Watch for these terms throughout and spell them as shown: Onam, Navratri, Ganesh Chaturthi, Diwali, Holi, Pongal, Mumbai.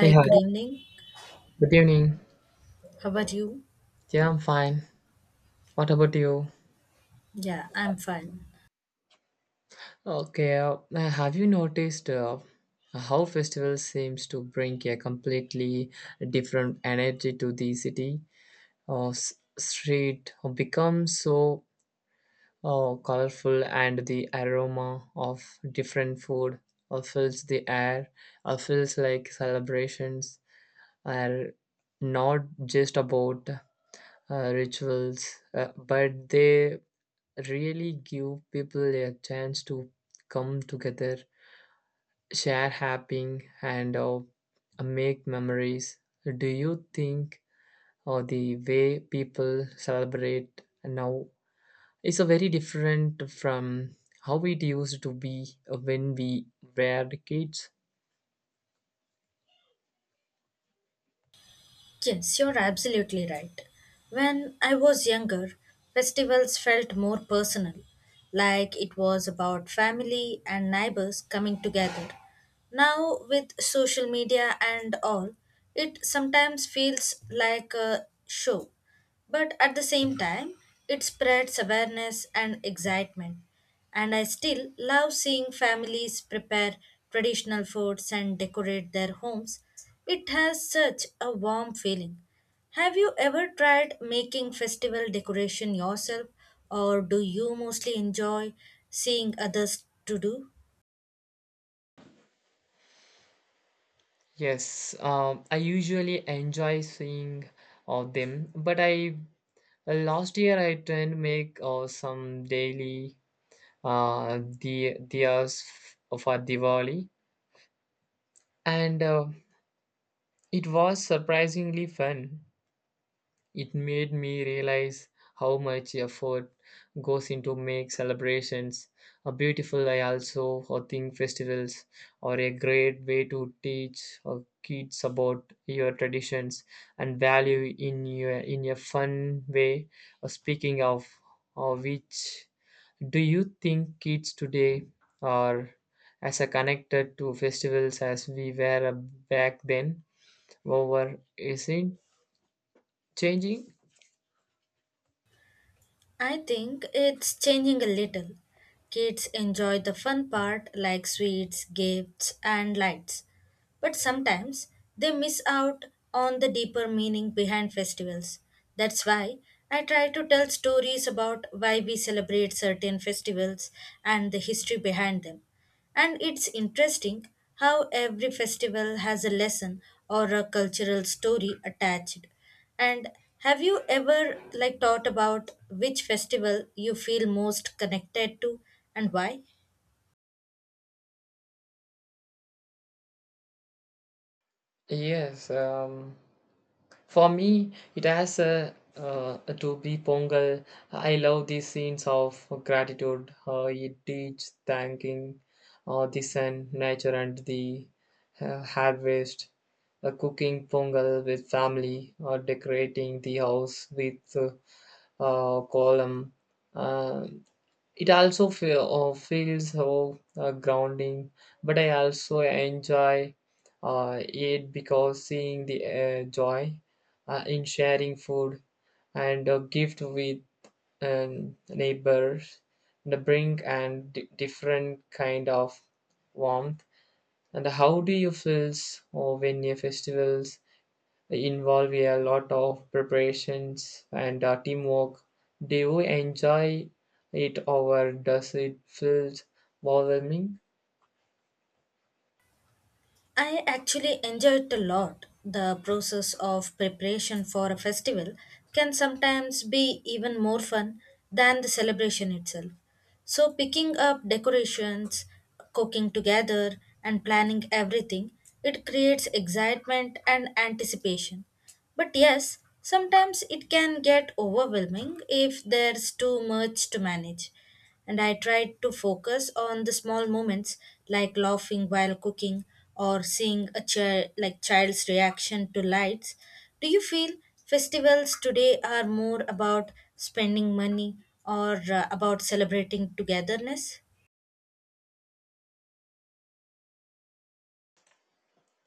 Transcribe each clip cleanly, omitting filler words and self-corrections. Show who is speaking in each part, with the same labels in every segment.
Speaker 1: Hey, hi.
Speaker 2: good evening.
Speaker 1: Good evening.
Speaker 2: How about you?
Speaker 1: Yeah, I'm fine. What about you?
Speaker 2: Yeah, I'm fine.
Speaker 1: Okay. Have you noticed how festival seems to bring a completely different energy to the city? Uh, s- street becomes so colorful, and the aroma of different food fills the air. Feels like celebrations are not just about rituals, but they really give people a chance to come together, share happy, and make memories. Do you think the way people celebrate now is a very different from how it used to be when we were kids?
Speaker 2: Yes, you're absolutely right. When I was younger, festivals felt more personal, like it was about family and neighbors coming together. Now, with social media and all, it sometimes feels like a show. But at the same time, it spreads awareness and excitement. And I still love seeing families prepare traditional foods and decorate their homes. It has such a warm feeling. Have you ever tried making festival decoration yourself, or do you mostly enjoy seeing others to do?
Speaker 1: Yes, I usually enjoy seeing them, but I last year I tried to make some daily the diyas for Diwali, and it was surprisingly fun. It made me realize how much effort goes into make celebrations a beautiful. I also think festivals are a great way to teach kids about your traditions and value in your in a fun way. Speaking of which, do you think kids today are as connected to festivals as we were back then? Over is it changing?
Speaker 2: I think it's changing a little. Kids enjoy the fun part like sweets, gifts, and lights. But sometimes they miss out on the deeper meaning behind festivals. That's why I try to tell stories about why we celebrate certain festivals and the history behind them. And it's interesting how every festival has a lesson or a cultural story attached. And have you ever like thought about which festival you feel most connected to and why?
Speaker 1: Yes, for me, it has a Adobe Pongal. I love these scenes of gratitude. It teaches thanking the sun, nature, and the harvest. Cooking Pongal with family, or decorating the house with column. Uh, it also feels so grounding, but I also enjoy it because seeing the joy in sharing food and a gift with neighbors the bring and different kind of warmth. And how do you feel when your festivals involve a lot of preparations and teamwork. Do you enjoy it or does it feel overwhelming?
Speaker 2: I actually enjoy it a lot. The process of preparation for a festival can sometimes be even more fun than the celebration itself. So, picking up decorations, cooking together, and planning everything, it creates excitement and anticipation. But yes, sometimes it can get overwhelming if there's too much to manage and I tried to focus on the small moments like laughing while cooking or seeing a child's reaction to lights. Do you feel festivals today are more about spending money or about celebrating togetherness?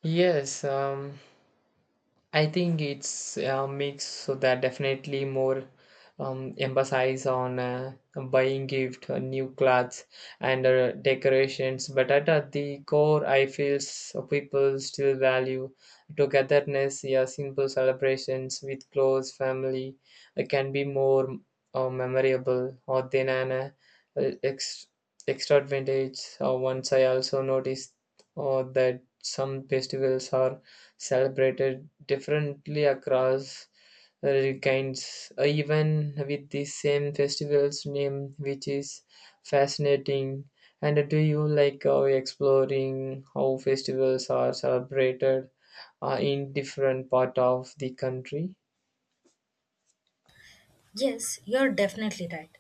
Speaker 1: Yes, I think it's a mix, so that definitely more emphasis on buying gift, new clothes, and decorations. But at the core, I feel, people still value togetherness. Yeah, simple celebrations with close family can be more memorable or than an ex- extra advantage. Once I also noticed that some festivals are celebrated differently across regions, even with the same festival's name, which is fascinating. And do you like exploring how festivals are celebrated in different part of the country?
Speaker 2: Yes, you're definitely right.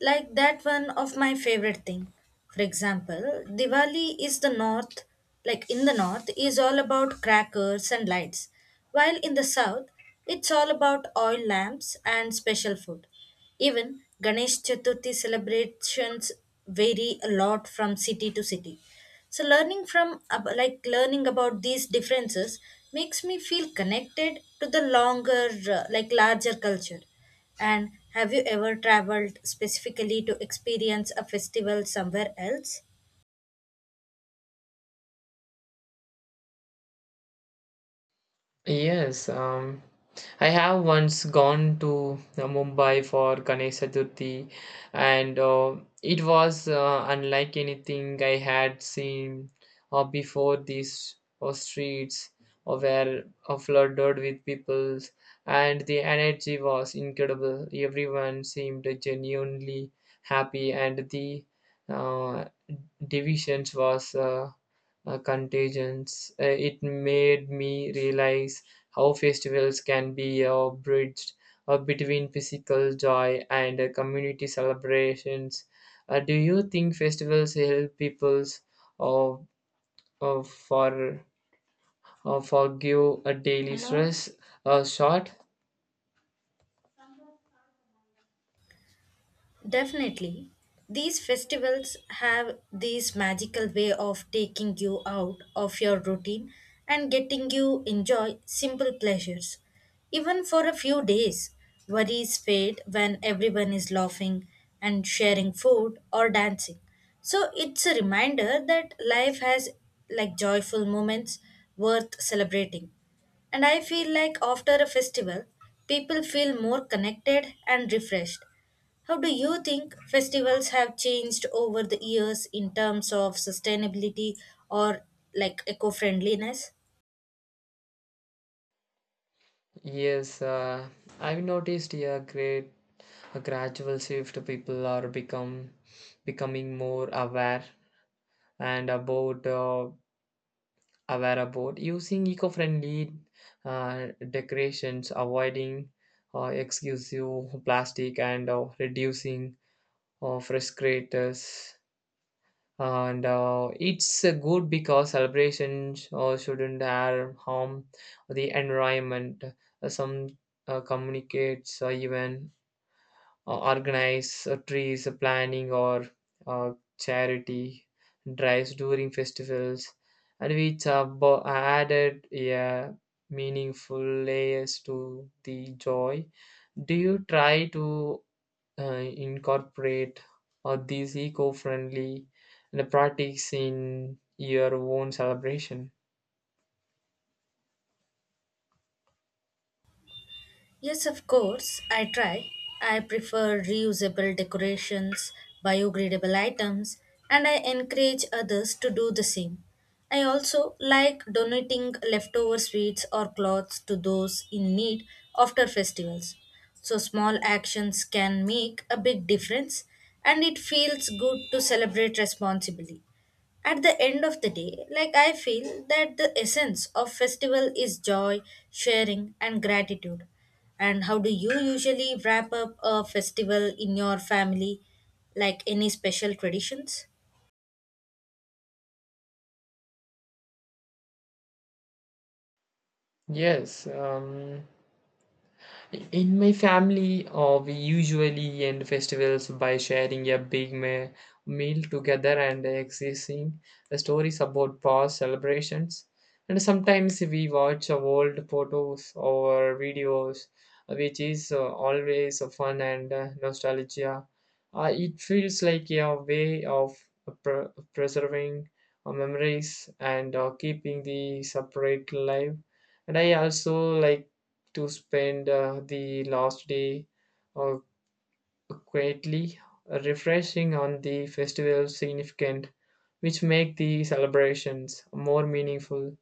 Speaker 2: Like that one of my favorite thing. For example, Diwali is the north, like in the north is all about crackers and lights, while in the south it's all about oil lamps and special food. Even Ganesh Chaturthi celebrations vary a lot from city to city. So like learning about these differences makes me feel connected to the longer like larger culture. And have you ever traveled specifically to experience a festival somewhere else?
Speaker 1: Yes, I have once gone to Mumbai for Ganesh Chaturthi, and it was unlike anything I had seen before. These streets were flooded with people, and the energy was incredible. Everyone seemed genuinely happy, and the uh, divisions was contagions. It made me realize how festivals can be a bridge between physical joy and community celebrations. Do you think festivals help people uh, uh, for forgive a daily Hello? Stress? Uh, short,
Speaker 2: Definitely. These festivals have this magical way of taking you out of your routine and getting you enjoy simple pleasures. Even for a few days, worries fade when everyone is laughing and sharing food or dancing. So it's a reminder that life has like joyful moments worth celebrating. And I feel like after a festival, people feel more connected and refreshed. How do you think festivals have changed over the years in terms of sustainability or like eco friendliness?
Speaker 1: yes. I've noticed a great a gradual shift. People are become becoming more aware and about aware about using eco-friendly decorations avoiding exclusive plastic and reducing frustrators, and it's good because celebrations shouldn't harm the environment. Some communicates even organize trees planning or uh, charity drives during festivals, and which added a meaningful layers to the joy. Do you try to uh, incorporate these eco-friendly practices in your own celebration?
Speaker 2: Yes, of course, I try. I prefer reusable decorations, biogradable items, and I encourage others to do the same. I also like donating leftover sweets or clothes to those in need after festivals. So, small actions can make a big difference, and it feels good to celebrate responsibly. At the end of the day, like I feel that the essence of festival is joy, sharing and gratitude. And how do you usually wrap up a festival in your family? Like any special traditions?
Speaker 1: Yes, in my family, we usually end festivals by sharing a big meal together and exchanging stories about past celebrations. And sometimes we watch old photos or videos, which is always fun and nostalgia. It feels like a way of pre- preserving memories and keeping the separate life. And I also like to spend the last day uh, quietly refreshing on the festival significant, which make the celebrations more meaningful.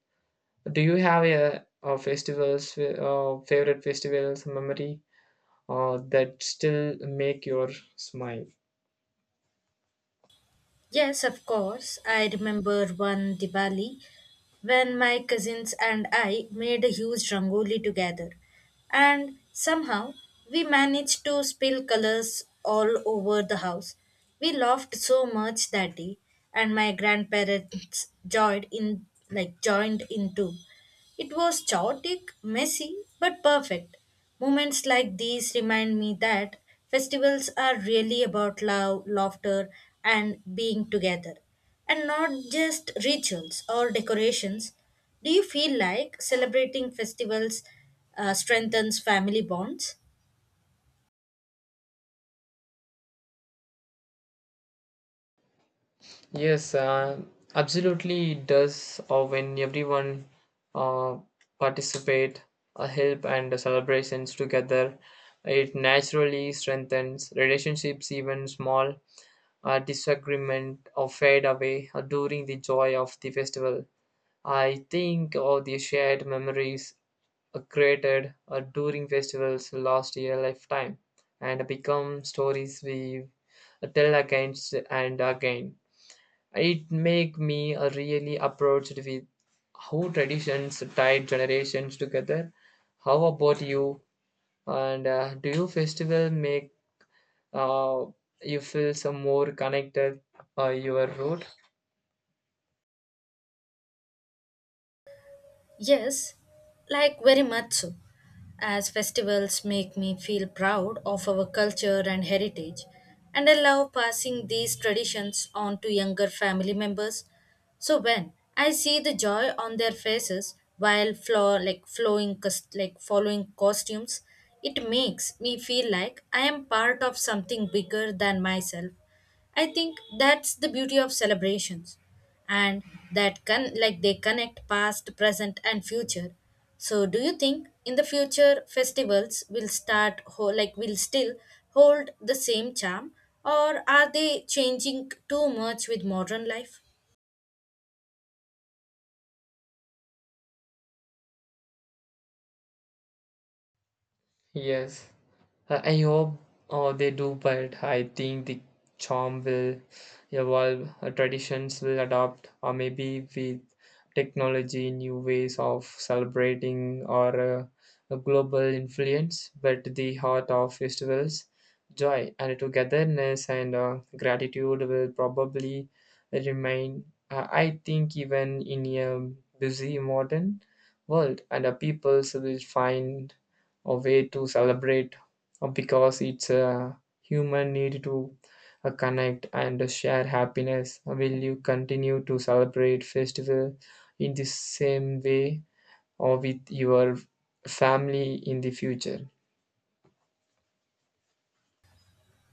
Speaker 1: Do you have a festivals favorite festivals memory that still make your smile?
Speaker 2: Yes, of course. I remember one Diwali when my cousins and I made a huge rangoli together. And somehow we managed to spill colors all over the house. We laughed so much that day and my grandparents joined in too. It was chaotic, messy, but perfect. Moments like these remind me that festivals are really about love, laughter, and being together, and not just rituals or decorations. Do you feel like celebrating festivals strengthens family bonds?
Speaker 1: Yes, absolutely it does. Or when everyone uh, participate, help and celebrations together, it naturally strengthens relationships. Even small disagreement or fade away during the joy of the festival. I think all the shared memories created during festivals last a lifetime and become stories we tell again and again. It make me really approached with how traditions tie generations together. How about you? And do you festival make uh, you feel some more connected your root?
Speaker 2: Yes, like very much so. As festivals make me feel proud of our culture and heritage, and I love passing these traditions on to younger family members. So when I see the joy on their faces while flow, like flowing cus- like following costumes, it makes me feel like I am part of something bigger than myself. I think that's the beauty of celebrations and that can like they connect past, present and future. So do you think in the future festivals will like will still hold the same charm or are they changing too much with modern life?
Speaker 1: Yes. I hope they do, but I think the charm will evolve, traditions will adapt, or maybe with technology, new ways of celebrating or a global influence. But the heart of festivals, joy and togetherness and gratitude will probably remain. I think even in a busy modern world, and peoples will find a way to celebrate because it's a human need to connect and share happiness. Will you continue to celebrate festival in the same way or with your family in the future?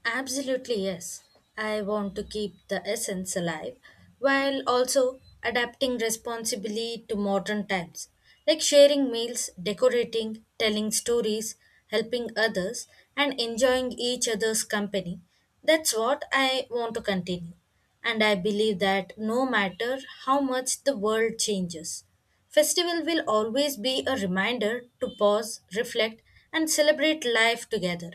Speaker 2: Absolutely, yes. I want to keep the essence alive while also adapting responsibly to modern times, like sharing meals, decorating, telling stories, helping others, and enjoying each other's company. That's what I want to continue. And I believe that no matter how much the world changes, festival will always be a reminder to pause, reflect, and celebrate life together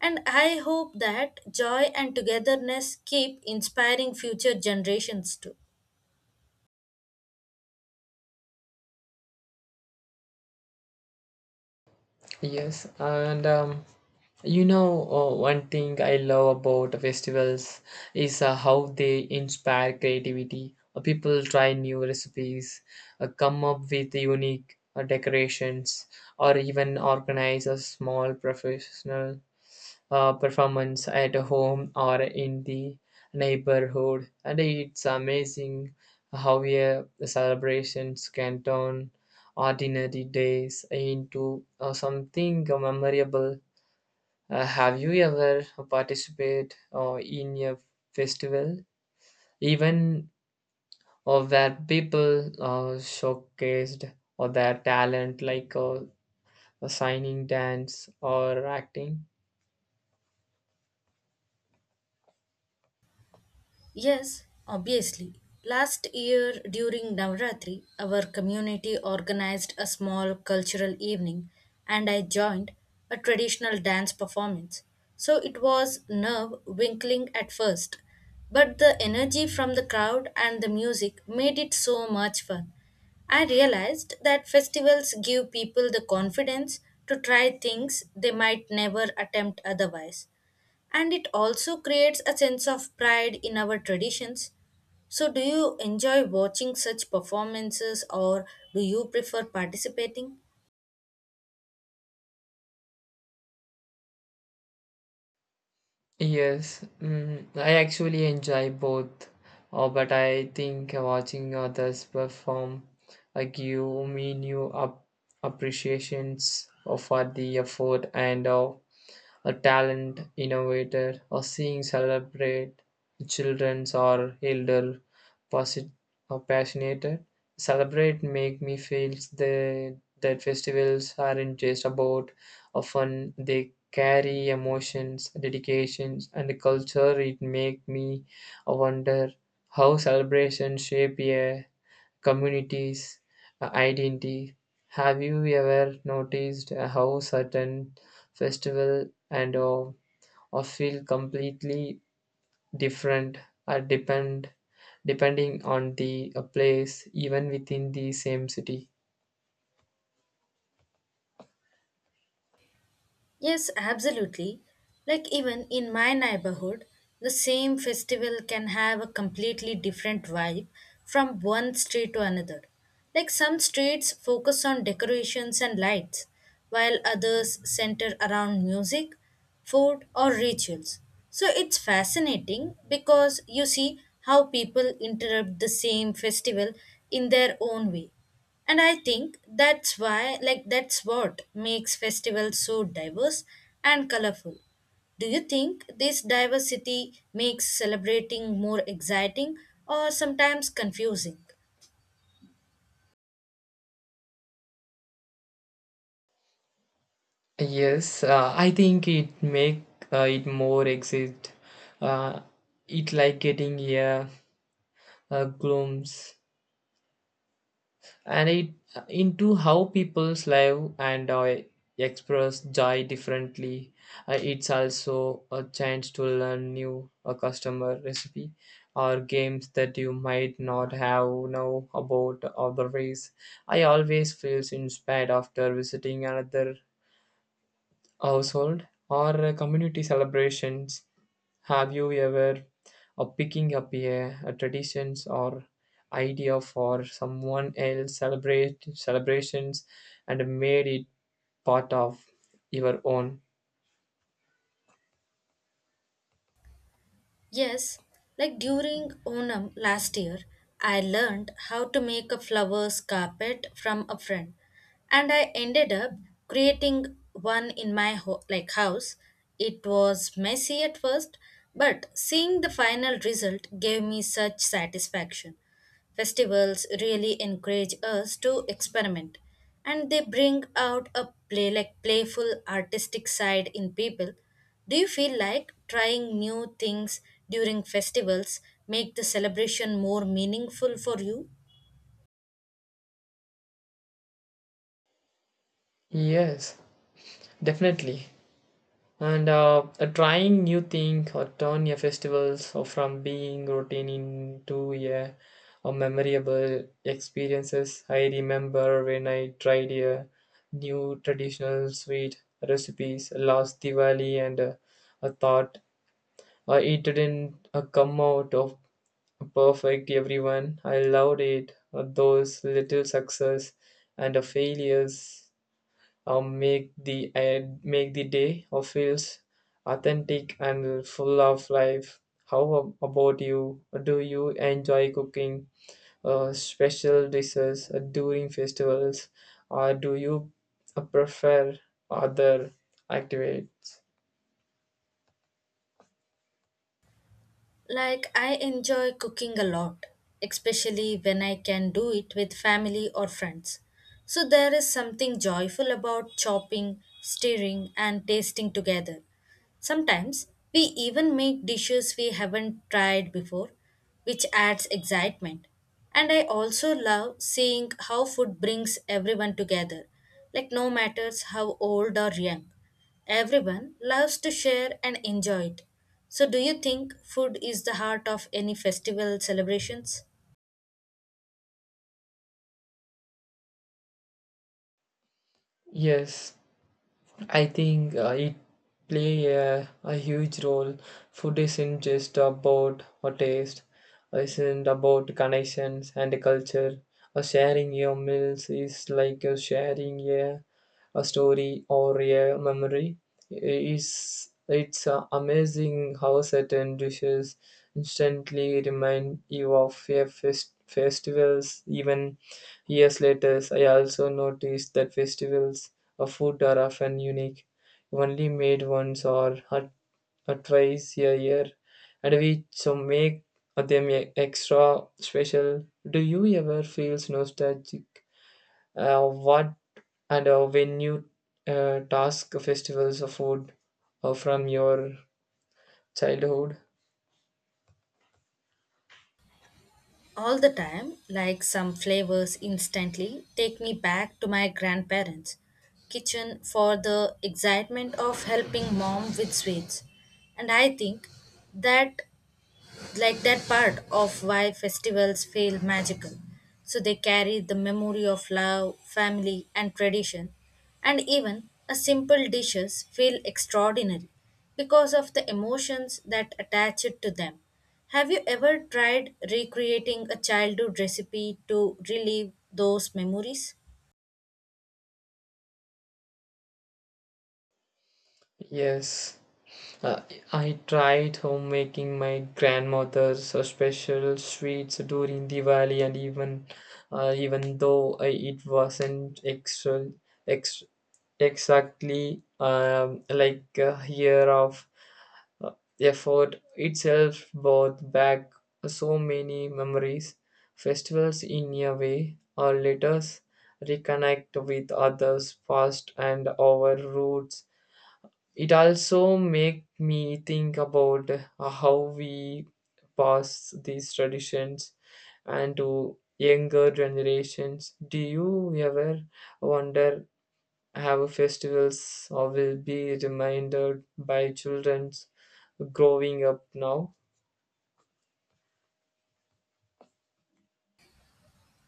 Speaker 2: and I hope that joy and togetherness keep inspiring future generations too.
Speaker 1: Yes, and you know, one thing I love about festivals is how they inspire creativity. People try new recipes, come up with unique decorations, or even organize a small professional performance at home or in the neighborhood. And it's amazing how celebrations can turn ordinary days into something memorable. Have you ever participated in a festival, even where people showcased or their talent, like a signing dance or acting?
Speaker 2: Yes, obviously. Last year during Navratri, our community organized a small cultural evening and I joined a traditional dance performance. So it was nerve winkling at first, but the energy from the crowd and the music made it so much fun. I realized that festivals give people the confidence to try things they might never attempt otherwise and it also creates a sense of pride in our traditions. So, do you enjoy watching such performances or do you prefer participating?
Speaker 1: Yes, mm, I actually enjoy both, but I think watching others perform give me new up appreciations for the effort and a talent innovator or seeing celebrate children's or elder posit- or passionate celebrate make me feel that festivals aren't just about a fun, they carry emotions dedications and the culture. It make me wonder how celebrations shape a community's identity. Have you ever noticed how certain festival and or feel completely different or depending on the place, even within the same city?
Speaker 2: Yes, absolutely. Like even in my neighborhood, the same festival can have a completely different vibe from one street to another. Like some streets focus on decorations and lights, while others center around music, food, or rituals. So it's fascinating because you see how people interrupt the same festival in their own way and I think that's why like that's what makes festivals so diverse and colorful. Do you think this diversity makes celebrating more exciting or sometimes confusing?
Speaker 1: Yes, I think it make it more exist, uh, it like getting a glimpse and it into how people's live and express joy differently. It's also a chance to learn new customer recipe or games that you might not have know about other ways. I always feels inspired after visiting another household or community celebrations. Have you ever picking up a traditions or idea for someone else celebrate celebrations and made it part of your own?
Speaker 2: Yes, like during Onam last year, I learned how to make a flowers carpet from a friend, and I ended up creating one in my like house. It was messy at first, but seeing the final result gave me such satisfaction. Festivals really encourage us to experiment and they bring out a playful artistic side in people. Do you feel like trying new things during festivals make the celebration more meaningful for you?
Speaker 1: Yes, definitely. And trying new thing or turn your festivals or from being routine into a memorable experiences. I remember when I tried a new traditional sweet recipes last Diwali and I thought it didn't come out of perfect everyone. I loved it. Those little success and failures make the day or feels authentic and full of life. How about you? Do you enjoy cooking special dishes during festivals, or do you prefer other activities?
Speaker 2: Like, I enjoy cooking a lot, especially when I can do it with family or friends. So, there is something joyful about chopping, stirring, and tasting together. Sometimes we even make dishes we haven't tried before, which adds excitement. And I also love seeing how food brings everyone together, like no matters how old or young. Everyone loves to share and enjoy it. So, do you think food is the heart of any festival celebrations?
Speaker 1: Yes, I think it play a huge role. Food isn't just about a taste, isn't about connections and culture. A sharing your meals is like a sharing a story or a memory. It's amazing how certain dishes instantly remind you of a festivals even years later. I also noticed that festivals of food are often unique, only made once or twice a year, and which so make them extra special. Do you ever feel nostalgic? What and when you task festivals of food from your childhood?
Speaker 2: All the time, like some flavors instantly take me back to my grandparents' kitchen for the excitement of helping mom with sweets. And I think that like that part of why festivals feel magical. So they carry the memory of love, family, and tradition, and even a simple dishes feel extraordinary because of the emotions that attach it to them. Have you ever tried recreating a childhood recipe to relive those memories?
Speaker 1: Yes. Uh, I tried homemaking my grandmother's special sweets during Diwali, and even though it wasn't ex- exactly like a year of uh, effort itself brought back so many memories. Festivals, in a way, or let us reconnect with others past and our roots. It also make me think about how we pass these traditions and to younger generations. Do you ever wonder how festivals or will be reminded by children growing up now?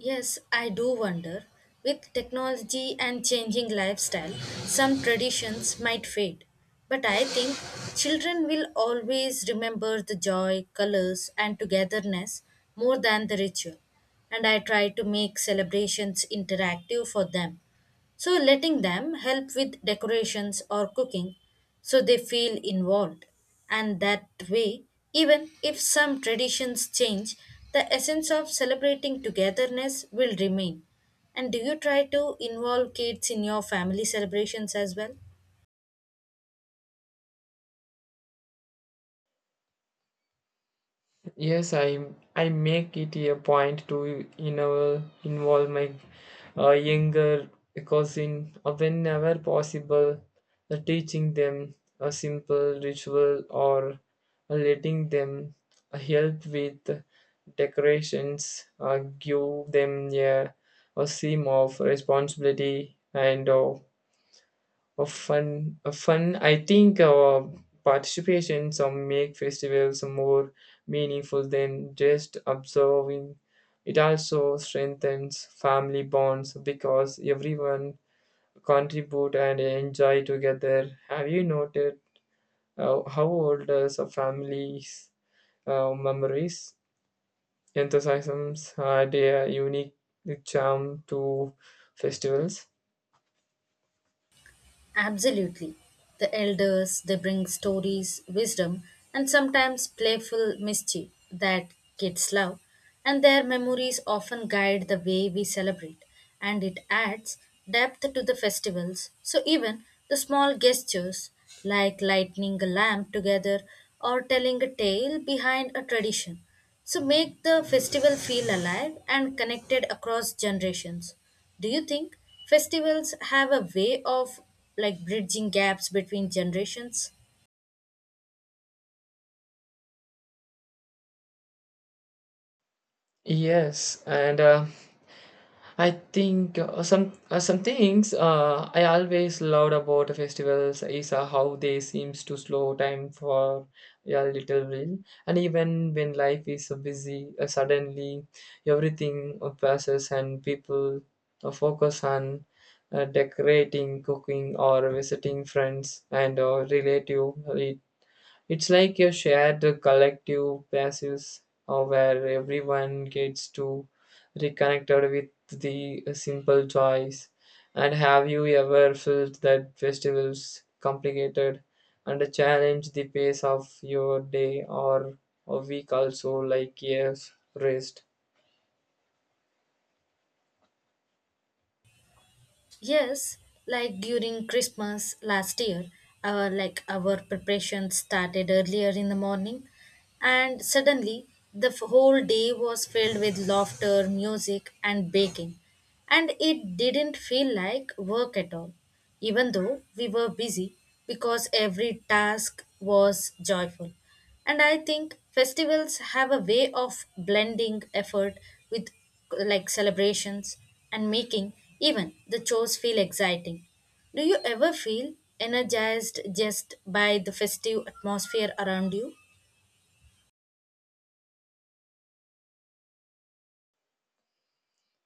Speaker 2: Yes, I do wonder. With technology and changing lifestyle, some traditions might fade. But I think children will always remember the joy, colors, and togetherness more than the ritual. And I try to make celebrations interactive for them so, letting them help with decorations or cooking so they feel involved. And that way, even if some traditions change, the essence of celebrating togetherness will remain. And do you try to involve kids in your family celebrations as well?
Speaker 1: Yes, I make it a point to involve my younger cousin whenever possible, teaching them a simple ritual or letting them help with decorations, give them a seam of responsibility and of fun. I think participation some make festivals more meaningful than just observing. It also strengthens family bonds because everyone contribute and enjoy together. Have you noted how older some families memories enthusiasms add a unique charm to festivals?
Speaker 2: Absolutely. The elders, they bring stories, wisdom, and sometimes playful mischief that kids love, and their memories often guide the way we celebrate, and it adds depth to the festivals. So even the small gestures like lighting a lamp together or telling a tale behind a tradition so make the festival feel alive and connected across generations. Do you think festivals have a way of like bridging gaps between generations?
Speaker 1: Yes, and I think some things I always loved about festivals is how they seems to slow time for a little while, and even when life is so busy, suddenly everything passes and people focus on decorating, cooking, or visiting friends and relative. It's like a shared collective basis where everyone gets to reconnected with the simple joys. And have you ever felt that festivals complicated and challenge the pace of your day or a week also like years rest?
Speaker 2: Yes, like during Christmas last year, our preparation started earlier in the morning, and suddenly the whole day was filled with laughter, music, and baking, and it didn't feel like work at all, even though we were busy because every task was joyful. And I think festivals have a way of blending effort with with like celebrations and making even the chores feel exciting. Do you ever feel energized just by the festive atmosphere around you?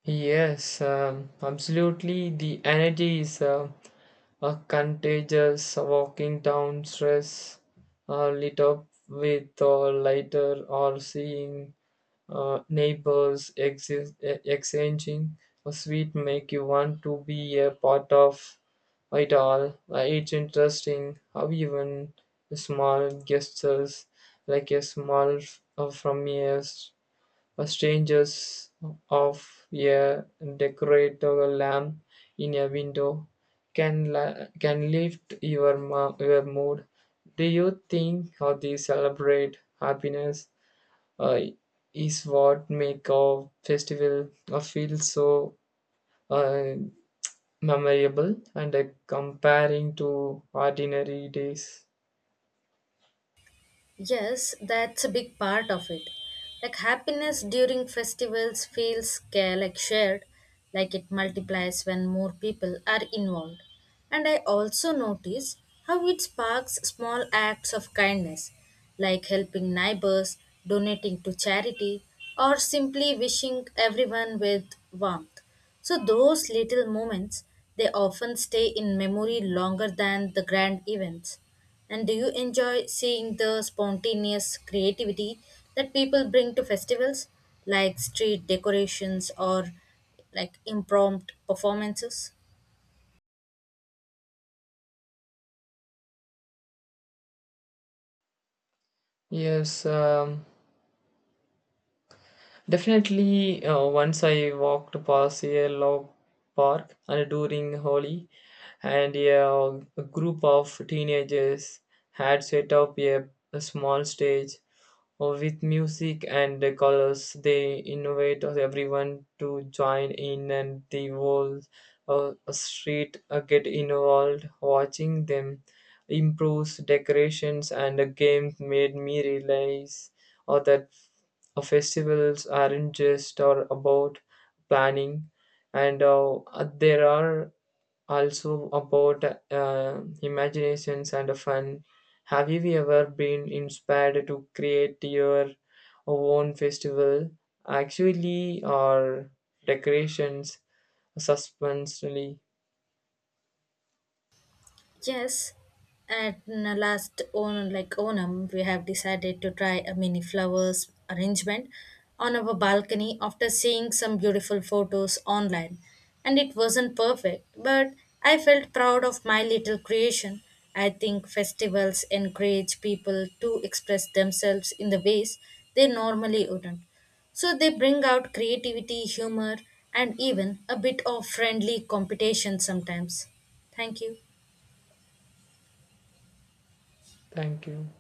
Speaker 1: Yes, absolutely. The energy is a contagious walking down stress lit up with a lighter or seeing neighbors exchanging a sweet make you want to be a part of it all. It's interesting how even small gestures like a smile from a strangers of a decorated lamp in a window can lift your mood. Do you think how they celebrate happiness uh, is what make a festival feel so uh, memorable and comparing to ordinary days?
Speaker 2: Yes, that's a big part of it. Like happiness during festivals feels like shared, like it multiplies when more people are involved. And I also notice how it sparks small acts of kindness, like helping neighbors, donating to charity, or simply wishing everyone with warmth. So those little moments they often stay in memory longer than the grand events. And do you enjoy seeing the spontaneous creativity that people bring to festivals, like street decorations or like impromptu performances?
Speaker 1: Yes. Definitely, once I walked past a log park and during Holi, and a group of teenagers had set up a small stage or with music and the colors, they invite everyone to join in, and the whole street get involved. Watching them improves decorations and the game made me realize or that festivals aren't just or about planning, and there are also about imaginations and fun. Have you ever been inspired to create your own festival, actually or decorations, suspensely?
Speaker 2: Yes, at last on like Onam, we have decided to try a mini flowers arrangement on our balcony after seeing some beautiful photos online. And it wasn't perfect, but I felt proud of my little creation. I think festivals encourage people to express themselves in the ways they normally wouldn't. So they bring out creativity, humor, and even a bit of friendly competition sometimes. Thank you.
Speaker 1: Thank you.